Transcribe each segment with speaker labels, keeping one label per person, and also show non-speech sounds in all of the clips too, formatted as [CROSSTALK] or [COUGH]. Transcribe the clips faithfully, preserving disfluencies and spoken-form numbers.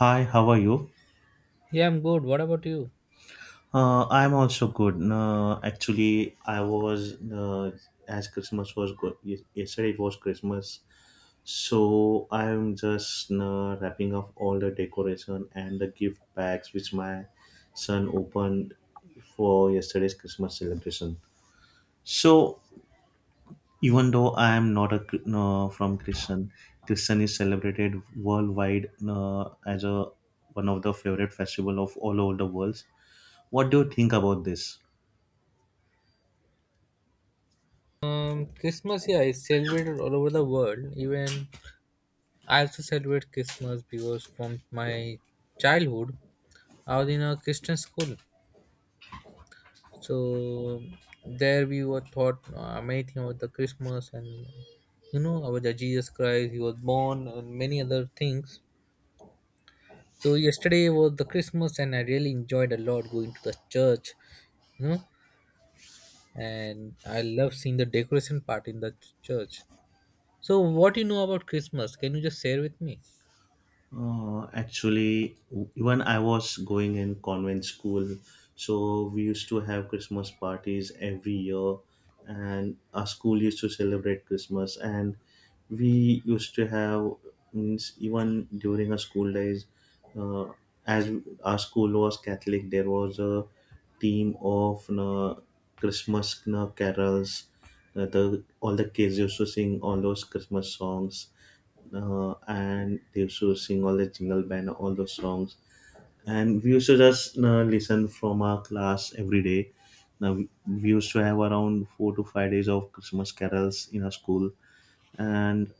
Speaker 1: Hi, how are you?
Speaker 2: Yeah, I'm good. What about you?
Speaker 1: Uh, I'm also good. No, actually, I was uh, as Christmas was good. Yes- Yesterday it was Christmas, so I'm just uh, wrapping up all the decoration and the gift bags which my son opened for yesterday's Christmas celebration. So even though I am not a Chri- no, from Christian, Christian is celebrated worldwide uh, as a one of the favorite festival of all over the world. What do you think about this?
Speaker 2: Um, Christmas, yeah, is celebrated all over the world. Even I also celebrate Christmas because from my childhood, I was in a Christian school. So there we were taught uh, many things about the Christmas and you know about the Jesus Christ, he was born and many other things. So yesterday was the Christmas and I really enjoyed a lot going to the church, you know, and I love seeing the decoration part in the ch- church. So, what you know about Christmas? Can you just share with me?
Speaker 1: Uh, actually, w- even I was going in convent school, so we used to have Christmas parties every year, and our school used to celebrate Christmas, and we used to have means even during our school days, uh, as our school was Catholic, there was a team of uh, Christmas uh, carols. Uh, the all the kids used to sing all those Christmas songs uh, and they used to sing all the jingle band all those songs, and we used to just uh, listen from our class every day. Now we we used to have around four to five days of Christmas carols in our school, and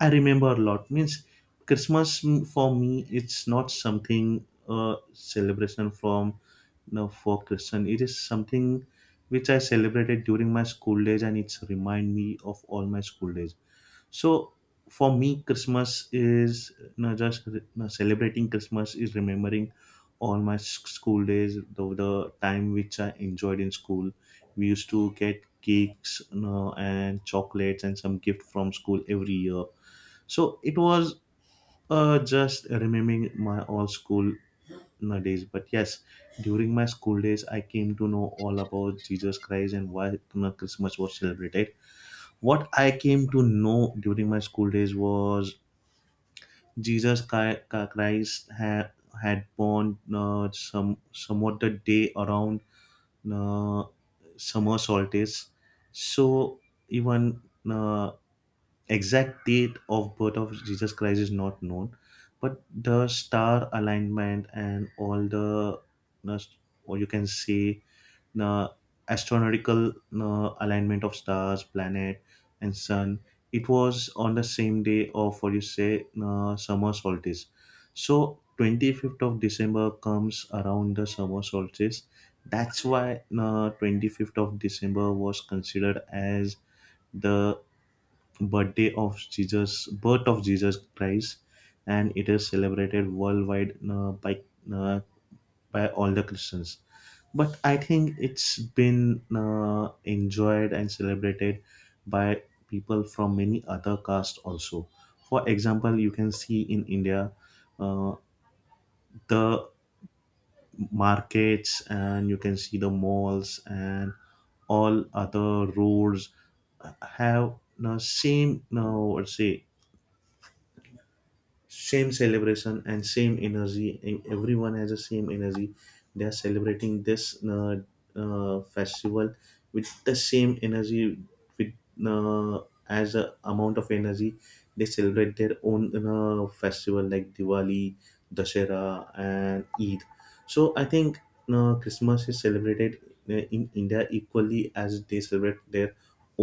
Speaker 1: I remember a lot means Christmas, mm, for me it's not something uh, celebration from, you know, for Christian it is something which I celebrated during my school days, and it's remind me of all my school days. So for me, Christmas is not just re- no, celebrating Christmas is remembering all my s- school days, the, the time which I enjoyed in school. We used to get cakes, you know, and chocolates and some gift from school every year. So it was uh, just remembering my all school days. But yes, during my school days, I came to know all about Jesus Christ and why, you know, Christmas was celebrated. What I came to know during my school days was Jesus Chi- Ca- Christ had, had born uh, some somewhat the day around uh, summer solstice. So even uh, exact date of birth of Jesus Christ is not known, but the star alignment and all the uh, or you can say uh, astronomical uh, alignment of stars, planet, and sun. It was on the same day of what you say uh, summer solstice. So twenty-fifth of December comes around the summer solstice. That's why uh, twenty-fifth of December was considered as the birthday of Jesus, birth of Jesus Christ, and it is celebrated worldwide uh, by uh, by all the Christians, but I think it's been uh, enjoyed and celebrated by people from many other castes also. For example, you can see in India, uh, the markets, and you can see the malls and all other roads uh, have the same, now. Let's say, same celebration and same energy. E- everyone has the same energy. They are celebrating this uh, uh, festival with the same energy with uh, as a amount of energy they celebrate their own uh, festival like Diwali, Dashera and Eid. So I think uh, Christmas is celebrated uh, in India equally as they celebrate their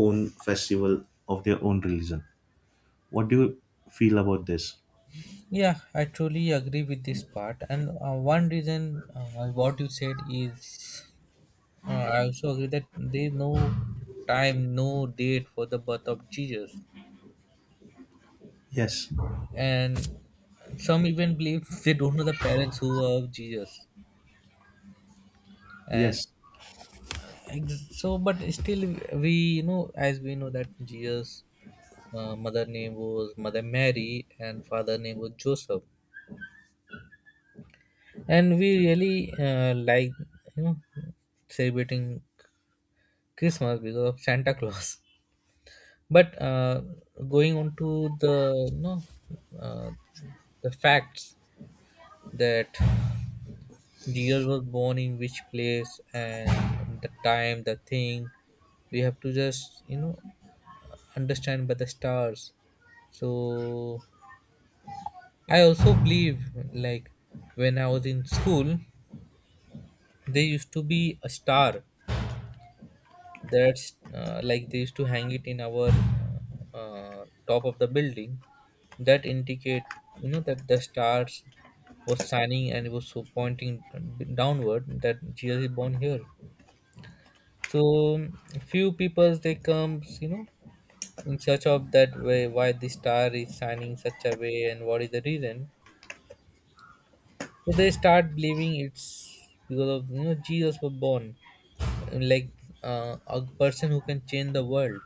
Speaker 1: own festival of their own religion. What do you feel about this?
Speaker 2: Yeah, I truly agree with this part. And uh, one reason uh, what you said is uh, I also agree that there is no time, no date for the birth of Jesus.
Speaker 1: Yes.
Speaker 2: And some even believe [LAUGHS] they don't know the parents who are of Jesus. And
Speaker 1: Yes,
Speaker 2: ex- so, but still, we, you know, as we know that Jesus' uh, mother name was Mother Mary and father name was Joseph. And we really uh, like, you know, celebrating Christmas because of Santa Claus. But uh, going on to the, you know, uh, the facts that the year was born in which place and the time, the thing we have to just, you know, understand by the stars. So I also believe, like, when I was in school, there used to be a star. That's uh, like they used to hang it in our uh, top of the building that indicate, you know, that the stars was shining and it was so pointing downward that Jesus is born here. So few peoples they comes, you know, in search of that way why the star is shining such a way and what is the reason. So they start believing it's because of, you know, Jesus was born, like uh, a person who can change the world.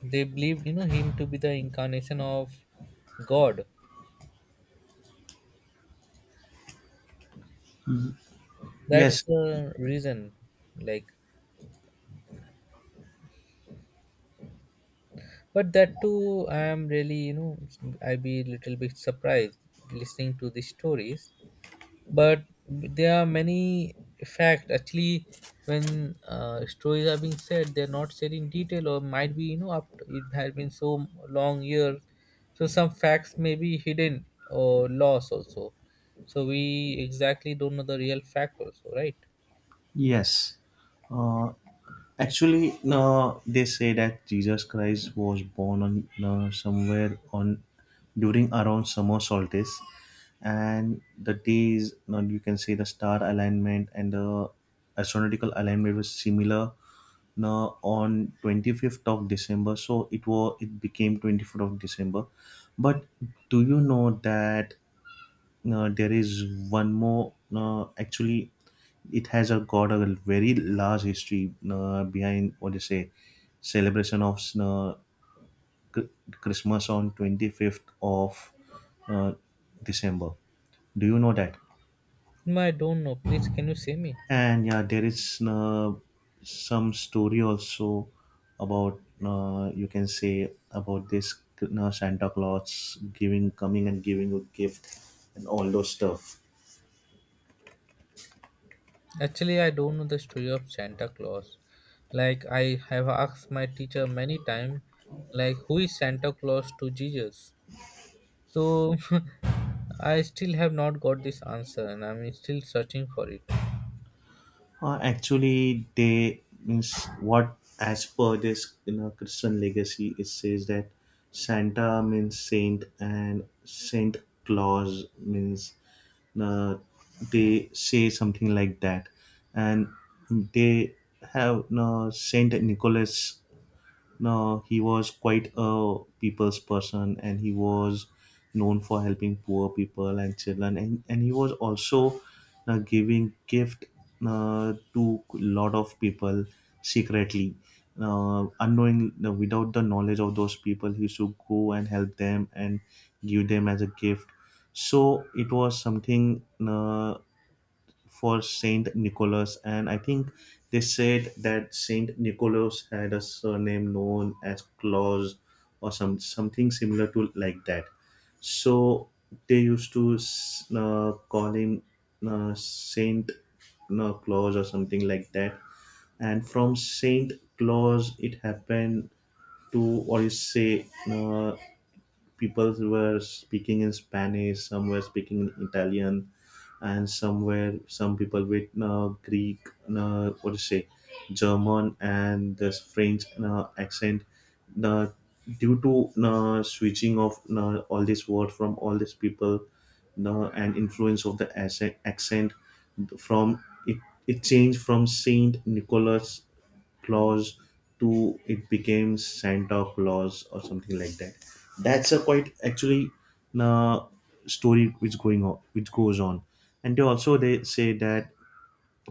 Speaker 2: They believed, you know, him to be the incarnation of God.
Speaker 1: yes,
Speaker 2: That's the reason. Like, but that too, I am really, you know, I be a little bit surprised listening to these stories. But there are many fact actually when uh, stories are being said, they're not said in detail, or might be, you know, after it has been so long year. So some facts may be hidden or lost also. So we exactly don't know the real fact also, right?
Speaker 1: yes. Uh, Actually, no, they say that Jesus Christ was born on no, somewhere on during around summer solstice, and the days, no, you can say the star alignment and the astronomical alignment was similar. No, on twenty-fifth of December, so it was it became twenty-fifth of December. But do you know that uh, there is one more uh, actually it has a got a very large history uh, behind what you say celebration of uh, Chr- Christmas on twenty-fifth of uh, December. Do you know that?
Speaker 2: No, I don't know. Please, can you say me?
Speaker 1: And yeah, there is uh, some story also about uh, you can say about this uh, Santa Claus giving coming and giving a gift and all those stuff.
Speaker 2: Actually, I don't know the story of Santa Claus. Like, I have asked my teacher many times, like, who is Santa Claus to Jesus? So [LAUGHS] I still have not got this answer and I'm still searching for it.
Speaker 1: Uh, actually, they means what as per this, you know, Christian legacy, it says that Santa means saint, and Saint Claus means uh, they say something like that, and they have uh, Saint Nicholas. No, he was quite a people's person, and he was known for helping poor people and children, and, and he was also uh, giving gift uh, to lot of people secretly, uh, unknowing uh, without the knowledge of those people he used to go and help them and give them as a gift. So it was something uh, for Saint Nicholas, and I think they said that Saint Nicholas had a surname known as Claus or some something similar to like that. So they used to s- uh, call him uh, Saint uh, Claus or something like that. And from Saint Claus, it happened to, or you say, uh, people were speaking in Spanish, some were speaking in Italian, and somewhere some people with uh, Greek, uh, what to say, German, and this French uh, accent. Uh, Due to uh, switching of uh, all these words from all these people, uh, and influence of the accent, accent from it, it changed from Saint Nicholas Claus to it became Santa Claus or something like that. That's a quite actually uh, story which going on, which goes on, and they also they say that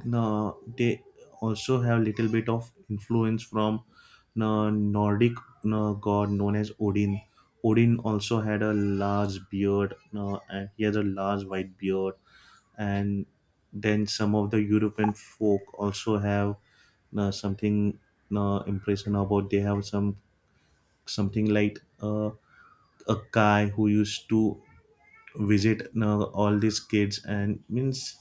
Speaker 1: now, they also have little bit of influence from the Nordic uh, god known as Odin. Odin also had a large beard, uh, and he has a large white beard. And then some of the European folk also have uh, something uh, impression about. They have some something like uh, a guy who used to visit uh, all these kids and means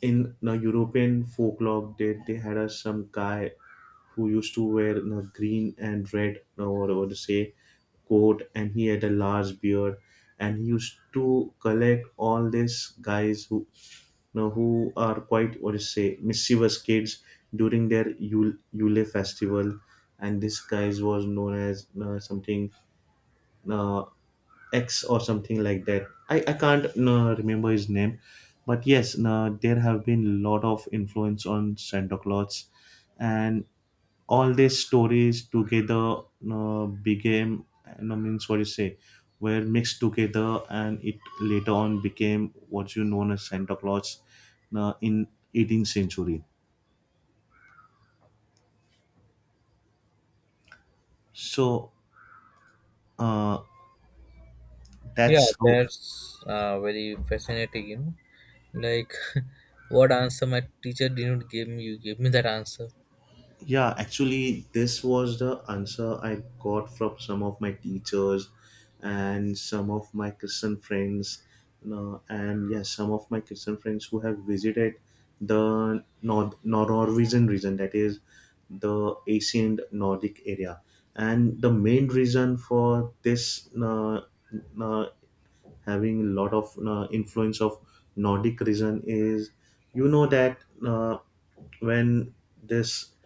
Speaker 1: in the European folklore, they, they had a, some guy who used to wear a green and red, or whatever to say, coat, and he had a large beard, and he used to collect all these guys who, you know, who are quite what to say mischievous kids during their Yule, Yule festival, and this guys was known as uh, something. Uh, X or something like that. I, I can't no, remember his name, but yes, no, there have been lot of influence on Santa Claus, and all these stories together no, became no, means what you say were mixed together, and it later on became what you known as Santa Claus no, in eighteenth century. So uh,
Speaker 2: Yeah,
Speaker 1: that's how.
Speaker 2: that's uh, very fascinating, you know. Like, [LAUGHS] what answer my teacher didn't give me, you gave me that answer.
Speaker 1: Yeah, actually, this was the answer I got from some of my teachers and some of my Christian friends, you know, and yes, some of my Christian friends who have visited the Nor- Norwegian region, that is the ancient Nordic area. And the main reason for this uh, uh, having a lot of uh, influence of Nordic region is, you know, that. Uh, when this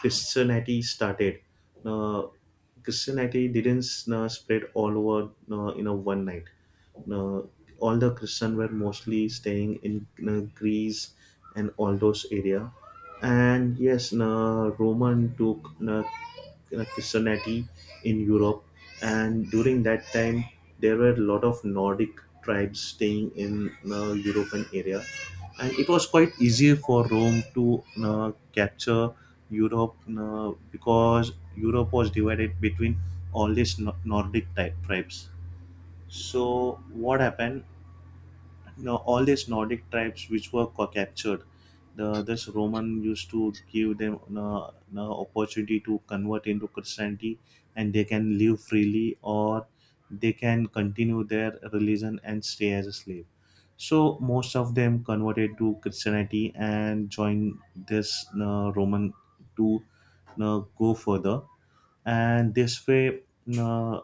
Speaker 1: Christianity started. Uh, Christianity didn't uh, spread all over uh, in a one night. Uh, all the Christian were mostly staying in uh, Greece and all those area. And yes, uh, Roman took uh, Christianity in Europe, and during that time there were a lot of Nordic tribes staying in uh, European area, and it was quite easy for Rome to uh, capture Europe uh, because Europe was divided between all these Nor- Nordic type tribes. So what happened? Now all these Nordic tribes which were co- captured, the this Roman used to give them an uh, an opportunity to convert into Christianity, and they can live freely, or they can continue their religion and stay as a slave. So most of them converted to Christianity and joined this uh, Roman to uh, go further, and this way. uh,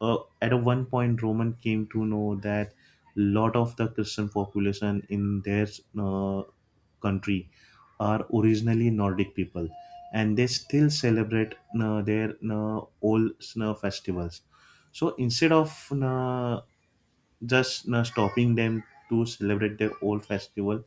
Speaker 1: uh, at a one point Roman came to know that lot of the Christian population in their uh, country are originally Nordic people, and they still celebrate uh, their uh, old uh, festivals. So instead of uh, just uh, stopping them to celebrate their old festival,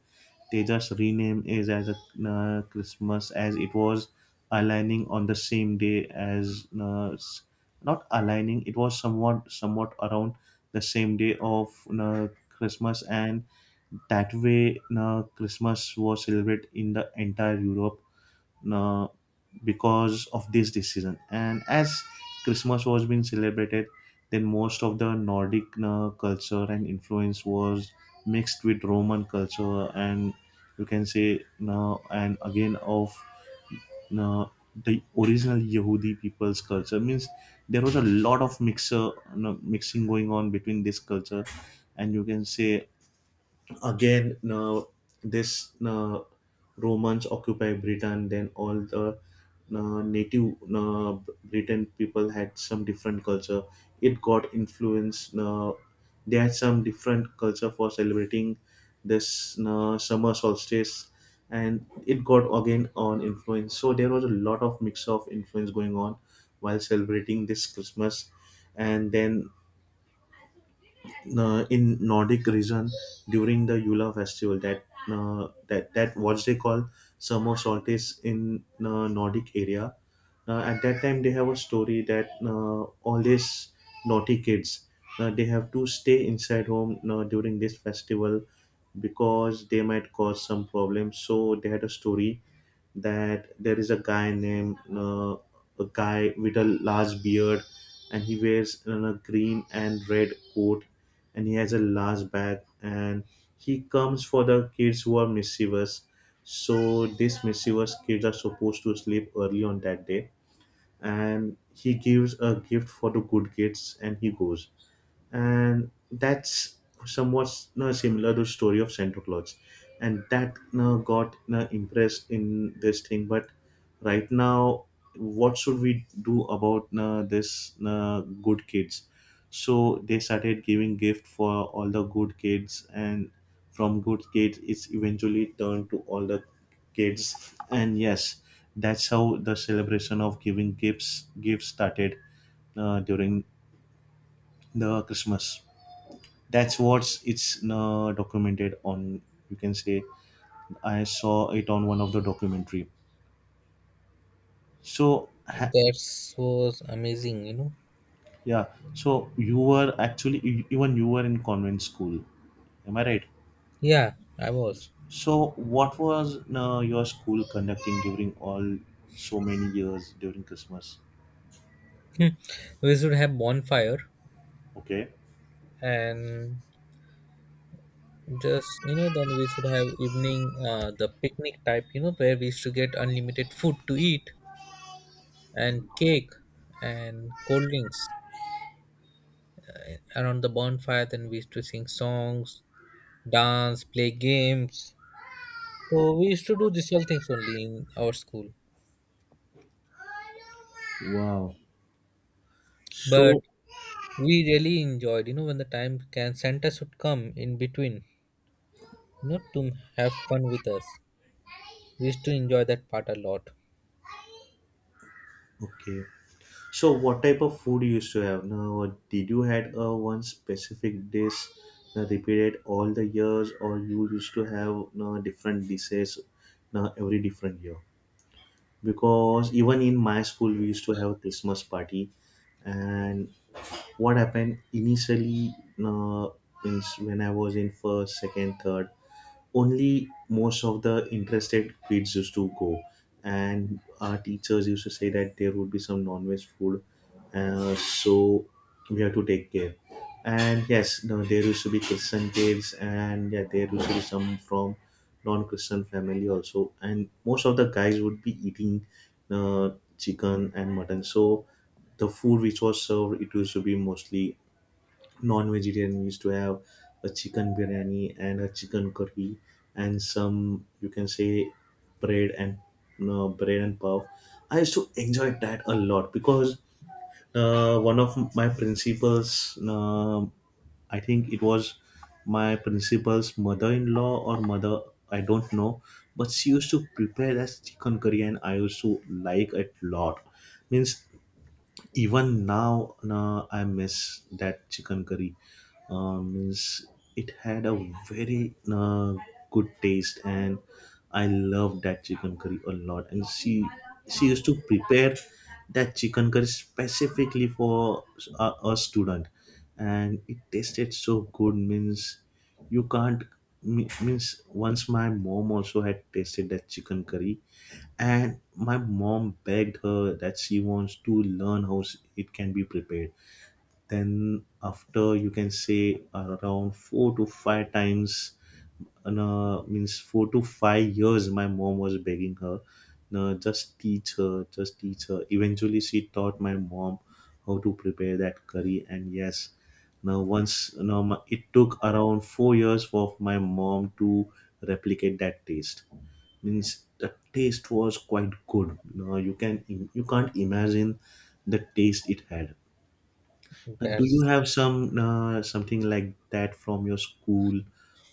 Speaker 1: they just rename it as a uh, Christmas, as it was aligning on the same day as uh, s- not aligning, it was somewhat somewhat around the same day of uh, Christmas, and that way uh, Christmas was celebrated in the entire Europe uh, because of this decision, and as Christmas was being celebrated, then most of the Nordic uh, culture and influence was mixed with Roman culture, and you can say now and again of uh, the original Yehudi people's culture means there was a lot of mixer, you know, mixing going on between this culture, and you can say again uh, this uh, Romans occupy Britain, then all the uh, native uh, Britain people had some different culture. It got influenced uh, they had some different culture for celebrating this uh, summer solstice, and it got again on influence, so there was a lot of mix of influence going on while celebrating this Christmas. And then uh, in Nordic region, during the Yule festival, that uh, that that what they call summer solstice in uh, Nordic area, uh, at that time they have a story that uh, all these naughty kids uh, they have to stay inside home uh, during this festival because they might cause some problems, so they had a story that there is a guy named, uh, a guy with a large beard, and he wears uh, a green and red coat, and he has a large bag, and he comes for the kids who are mischievous. So these mischievous kids are supposed to sleep early on that day, and he gives a gift for the good kids and he goes. And that's somewhat uh, similar to story of Santa Claus, and that uh, got uh, impressed in this thing. But right now, what should we do about uh, this uh, good kids? So they started giving gift for all the good kids, and from good kids, it's eventually turned to all the kids. And yes, that's how the celebration of giving gifts gifts started uh, during the Christmas. That's what's it's uh, documented on, you can say, I saw it on one of the documentary. So ha-
Speaker 2: That was amazing, you know.
Speaker 1: yeah, so you were actually e- even you were in convent school, am I right?
Speaker 2: Yeah, I was.
Speaker 1: So what was uh, your school conducting during all so many years during Christmas?
Speaker 2: [LAUGHS] We should have bonfire
Speaker 1: Okay.
Speaker 2: and just, you know, then we should have evening, uh, the picnic type, you know, where we used to get unlimited food to eat, and cake and cold drinks around the bonfire. Then we used to sing songs, dance, play games. So we used to do these all things only in our school.
Speaker 1: Wow.
Speaker 2: But
Speaker 1: So
Speaker 2: we really enjoyed, you know, when the time can Santa should come in between, you know, to have fun with us. We used to enjoy that part a lot.
Speaker 1: okay, so what type of food you used to have? Now did you had a one specific dish uh, repeated all the years, or you used to have uh, different dishes uh, every different year? Because even in my school we used to have Christmas party, and what happened initially, uh, means when I was in first second third, only most of the interested kids used to go, and our teachers used to say that there would be some non-veg food, uh, so we have to take care. And yes, no, there used to be Christian kids, and yeah, there used to be some from non-Christian family also, and most of the guys would be eating uh, chicken and mutton. So the food which was served, it used to be mostly non-vegetarian. We used to have a chicken biryani and a chicken curry, and some, you can say, bread and, no, bread and pav. I used to enjoy that a lot because uh, one of my principals, um I think it was my principal's mother-in-law or mother, I don't know, but she used to prepare that chicken curry and I used to like it a lot. Means even now uh, I miss that chicken curry. Um, means it had a very uh, good taste, and I loved that chicken curry a lot. And she she used to prepare that chicken curry specifically for a, a student, and it tasted so good. Means you can't, me- means once my mom also had tasted that chicken curry, and my mom begged her that she wants to learn how s- it can be prepared. Then, after you can say around four to five times, uh, means four to five years my mom was begging her, no, just teach her just teach her. Eventually she taught my mom how to prepare that curry. And yes, now once, now it took around four years for my mom to replicate that taste. Means the taste was quite good. No, you can, you can't imagine the taste it had. Uh, Do you
Speaker 2: That's
Speaker 1: have some uh, something like that from your school,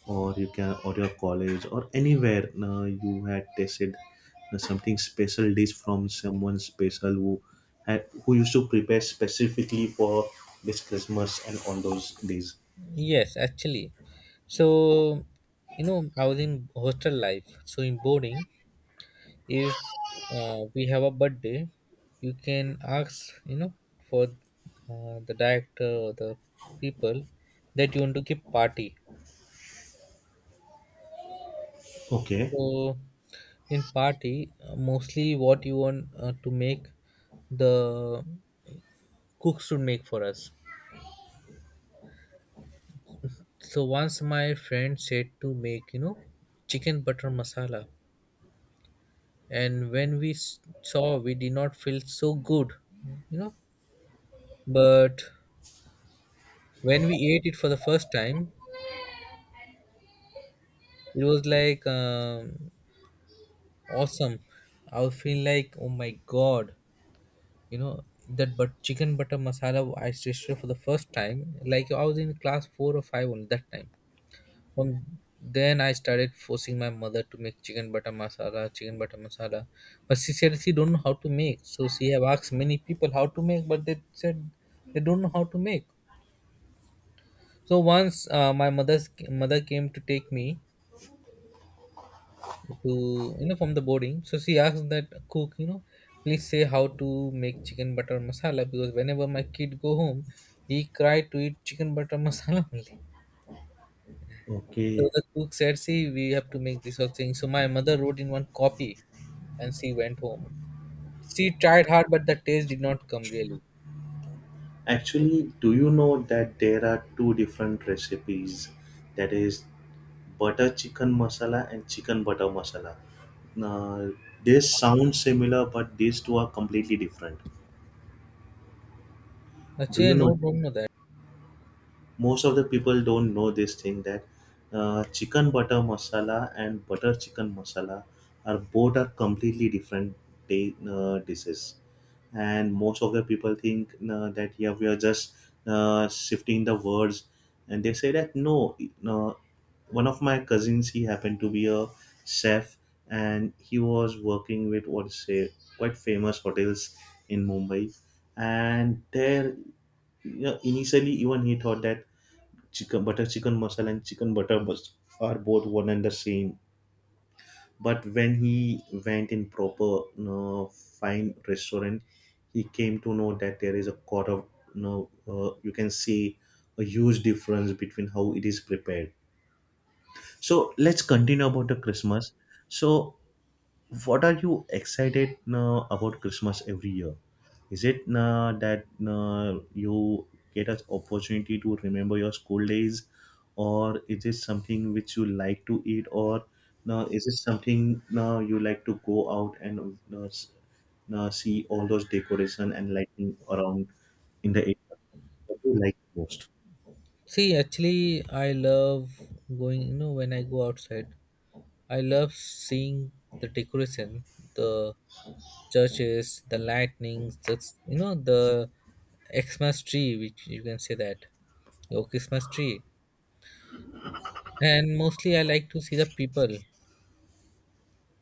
Speaker 1: or you can, or your college, or anywhere uh, you had tasted uh, something special dish from someone special who had, who used to prepare specifically for this Christmas and on those days?
Speaker 2: yes, actually. So, you know, I was in hostel life, so in boarding, if uh, we have a birthday, you can ask, you know, for uh, the director or the people that you want to give party.
Speaker 1: Okay,
Speaker 2: So in party, uh, mostly what you want uh, to make, the cook should make for us. So once my friend said to make, you know, chicken butter masala. And when we s- saw, we did not feel so good, you know. But when we ate it for the first time, it was like um, awesome. I would feel like, oh my god, you know, that but chicken butter masala I tasted for the first time. Like I was in class four or five only that time. From then I started forcing my mother to make chicken butter masala, chicken butter masala. But she said she don't know how to make. So she have asked many people how to make, but they said they don't know how to make. So once uh, my mother's mother came to take me to, you know, from the boarding. So she asked that cook, you know, please say how to make chicken butter masala, because whenever my kid go home, he cry to eat chicken butter masala [LAUGHS] only. So
Speaker 1: okay.
Speaker 2: the cook said, see, we have to make this whole thing. So my mother wrote in one copy and she went home. She tried hard but the taste did not come really.
Speaker 1: Actually, do you know that there are two different recipes? That is butter chicken masala and chicken butter masala. Now, this sounds similar, but these two are completely different. Do you
Speaker 2: Actually no
Speaker 1: know?
Speaker 2: problem with that.
Speaker 1: Most of the people don't know this thing, that uh, chicken butter masala and butter chicken masala are both are completely different day, uh, dishes. And most of the people think uh, that yeah, we are just uh, shifting the words, and they say that no, no, one of my cousins, he happened to be a chef, and he was working with, what is say, quite famous hotels in Mumbai. And there, you know, initially even he thought that chicken butter chicken masala and chicken butter bus are both one and the same. But when he went in proper, you know, fine restaurant, he came to know that there is a lot of, you know, uh, you can see a huge difference between how it is prepared. So let's continue about the Christmas. So what are you excited uh, about Christmas every year? Is it uh, that uh, you get an opportunity to remember your school days, or is it something which you like to eat, or uh, is it something uh, you like to go out and uh, s- uh, see all those decoration and lighting around in the area? What do you like most?
Speaker 2: See, actually, I love going, you know, when I go outside, I love seeing the decoration, the churches, the lightnings, just, you know, the Xmas tree, which you can say that your Christmas tree. And mostly, I like to see the people,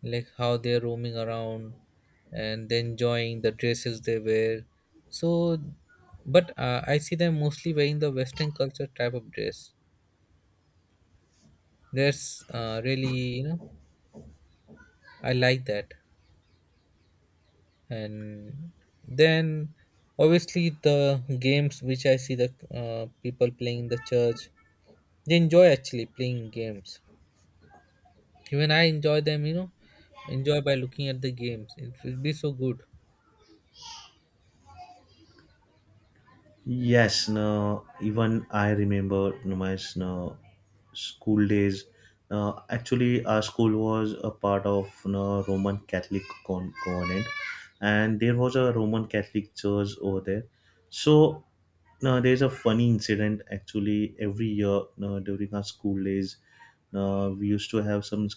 Speaker 2: like how they're roaming around and they enjoying the dresses they wear. So, but uh, I see them mostly wearing the Western culture type of dress. That's uh, really, you know, I like that. And then obviously the games which I see the uh, people playing in the church, they enjoy actually playing games. Even I enjoy them, you know, enjoy by looking at the games. It will be so good.
Speaker 1: Yes, no, even I remember, no, my, no, school days. No, actually, our school was a part of, no, Roman Catholic con- convent, and there was a Roman Catholic church over there. So, no, there's a funny incident actually every year, no, during our school days. No, we used to have some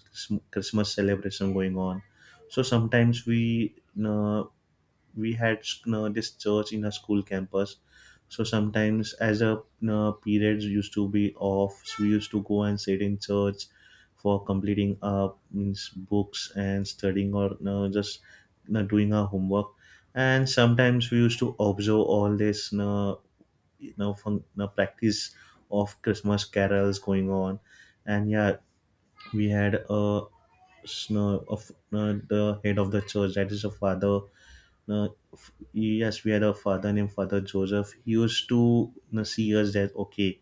Speaker 1: Christmas celebration going on. So sometimes we, no, we had uh, this church in our school campus, so sometimes as a uh, periods used to be off, so we used to go and sit in church for completing our means books and studying, or uh, just uh, doing our homework. And sometimes we used to observe all this, uh, you know, fun, uh, practice of Christmas carols going on. And yeah, we had a s- uh, of uh, the head of the church, that is a father. uh, Yes, we had a father named Father Joseph. He used to, you know, see us that okay,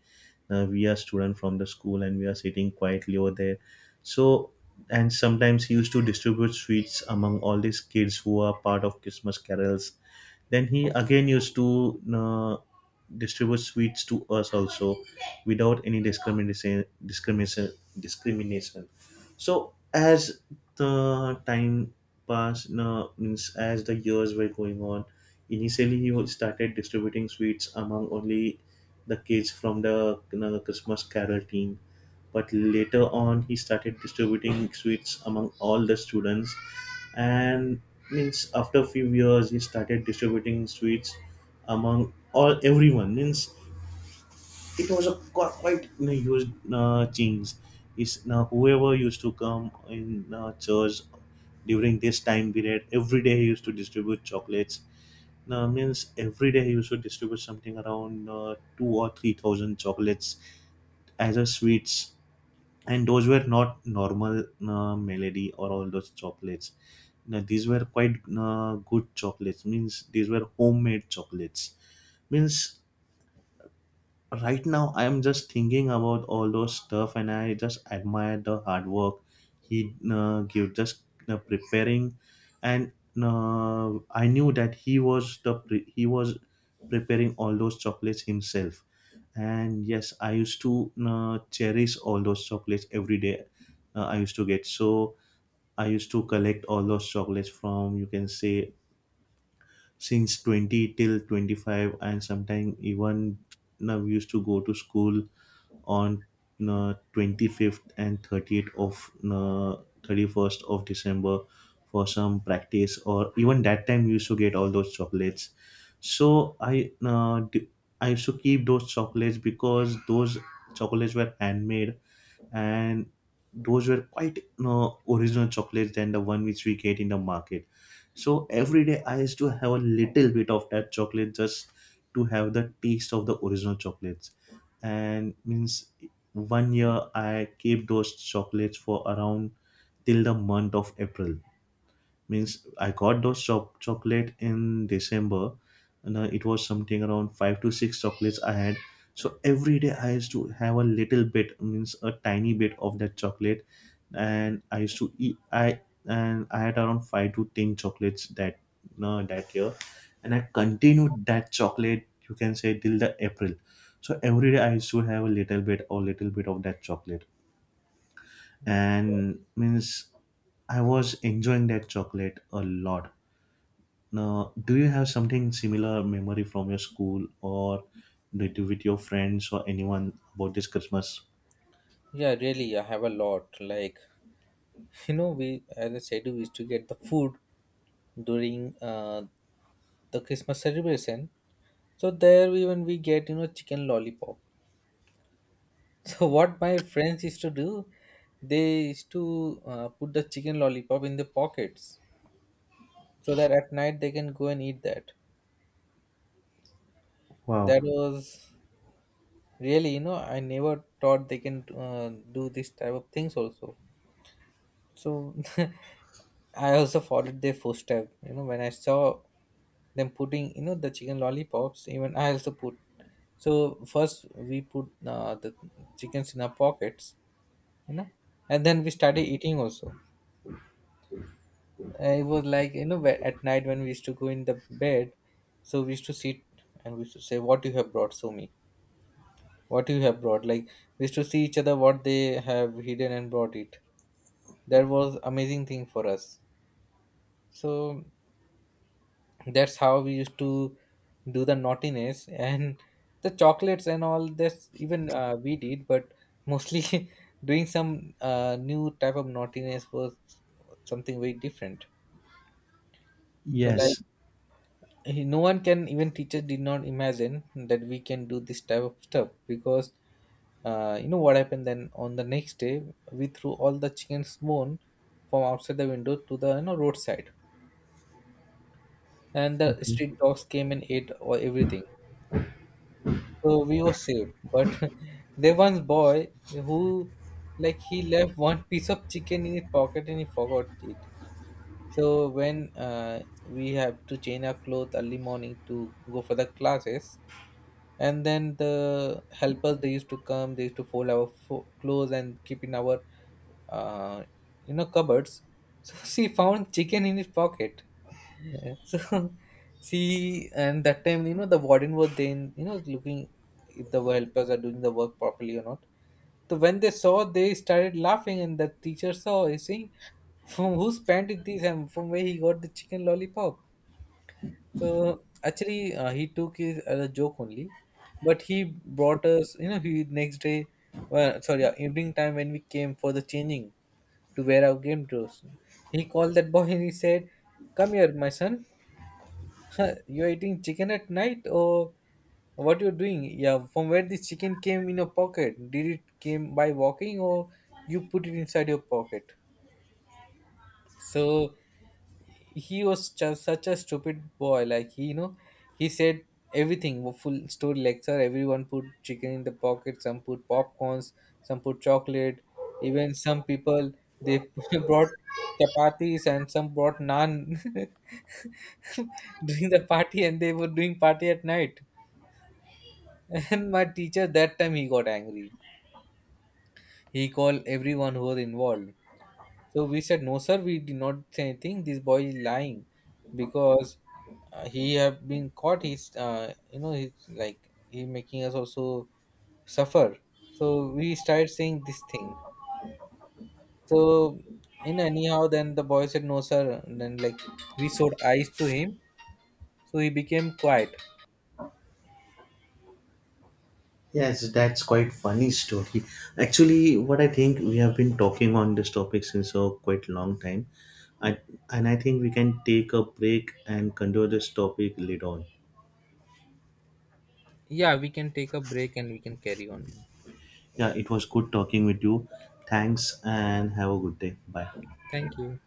Speaker 1: uh, we are student from the school and we are sitting quietly over there. So, and sometimes he used to distribute sweets among all these kids who are part of Christmas carols. Then he again used to uh, distribute sweets to us also without any discrimination discrimination discrimination So as the time passed, no, means as the years were going on, initially he was- started distributing sweets among only the kids from the, you know, Christmas carol team. But later on he started distributing sweets among all the students. And means after a few years he started distributing sweets among all everyone. Means it was a qu- quite, you know, huge uh, change. Is now whoever used to come in uh, church during this time period, every day he used to distribute chocolates. Now means every day he used to distribute something around uh, two or three thousand chocolates as a sweets, and those were not normal uh, melody or all those chocolates. Now these were quite uh, good chocolates. Means these were homemade chocolates. Means right now I'm just thinking about all those stuff, and I just admire the hard work he uh, give just uh, preparing. And uh, I knew that he was the pre- he was preparing all those chocolates himself. And yes, I used to uh, cherish all those chocolates every day. uh, I used to get, so I used to collect all those chocolates from, you can say, since twenty till twenty-five and sometimes even. Now we used to go to school on uh, twenty-fifth and thirtieth of uh, thirty-first of December for some practice, or even that time we used to get all those chocolates. So I uh, d- I used to keep those chocolates because those chocolates were handmade, and those were quite you original chocolates than the one which we get in the market. So every day I used to have a little bit of that chocolate just to have the taste of the original chocolate. And means one year I keep those chocolates for around till the month of April. Means I got those cho- chocolate in December, and uh, it was something around five to six chocolates I had. So every day I used to have a little bit, means a tiny bit of that chocolate, and I used to eat I, and I had around five to ten chocolates that uh, that year. And I continued that chocolate, you can say, till the April. So every day I used to have a little bit or little bit of that chocolate. And means I was enjoying that chocolate a lot. Now, do you have something similar memory from your school or did you with your friends or anyone about this Christmas?
Speaker 2: Yeah, really, I have a lot. Like, [LAUGHS] you know, we, as I said, we used to get the food during uh, the Christmas celebration. So there even we get, you know, chicken lollipop. So what my friends used to do, they used to uh, put the chicken lollipop in the pockets so that at night they can go and eat that.
Speaker 1: Wow.
Speaker 2: That was really, you know, I never thought they can uh, do this type of things also. So [LAUGHS] I also followed their footstep. You know, when I saw them putting, you know, the chicken lollipops, even I also put. So first we put uh, the chickens in our pockets, you know, and then we started eating also. Uh, it was like, you know, wh- at night when we used to go in the bed, so we used to sit and we used to say, what you have brought, Sumi? What you have brought? Like, we used to see each other what they have hidden and brought it. That was amazing thing for us. So that's how we used to do the naughtiness [LAUGHS] and the chocolates and all this even uh, we did. But mostly [LAUGHS] doing some uh, new type of naughtiness was something very different. So like,
Speaker 1: Yes.
Speaker 2: he- no one can, even teachers did not imagine that we can do this type of stuff, because uh, you know what happened then on the next day, we threw all the chickens bone from outside the window to the, you know, roadside, and the
Speaker 1: Okay.
Speaker 2: street dogs came and ate all, everything. So we were safe. But [LAUGHS] there was boy who, like, he left one piece of chicken in his pocket and he forgot it. So when uh, we have to change our clothes early morning to go for the classes, and then the helpers, they used to come, they used to fold our fo- clothes and keep in our uh, you know, cupboards. So [LAUGHS] she found chicken in his pocket. [LAUGHS] So she, and that time, you know, the warden was then, you know, looking if the helpers are doing the work properly or not. So when they saw, they started laughing, and the teacher saw is saying, from whose pant is this and from where he got the chicken lollipop. So actually, uh, he took it as a joke only, but he brought us. You know, he next day, well, sorry, uh, evening time when we came for the changing to wear our game clothes, he called that boy and he said, "Come here, my son. [LAUGHS] You're eating chicken at night, or what you're doing? Yeah, from where this chicken came in your pocket? Did it came by walking, or you put it inside your pocket?" So he was just such a stupid boy. Like, he, you know, he said everything, wo- full story lecture, everyone put chicken in the pocket, some put popcorns, some put chocolate, even some people, they [LAUGHS] brought chapatis and some brought naan [LAUGHS] during the party, and they were doing party at night. [LAUGHS] And my teacher that time, he got angry. He called everyone who was involved. So we said, no, sir, we did not say anything. This boy is lying because uh, he have been caught. He's, uh, you know, he's like, he making us also suffer. So we started saying this thing. So in anyhow, then the boy said, no, sir. And then, like, we showed eyes to him. So he became quiet.
Speaker 1: Yes, that's quite funny story. Actually, what I think, we have been talking on this topic since a quite long time. I, and I think we can take a break and continue this topic later on.
Speaker 2: Yeah, we can take a break and we can carry on.
Speaker 1: Yeah, it was good talking with you. Thanks and have a good day. Bye.
Speaker 2: Thank you.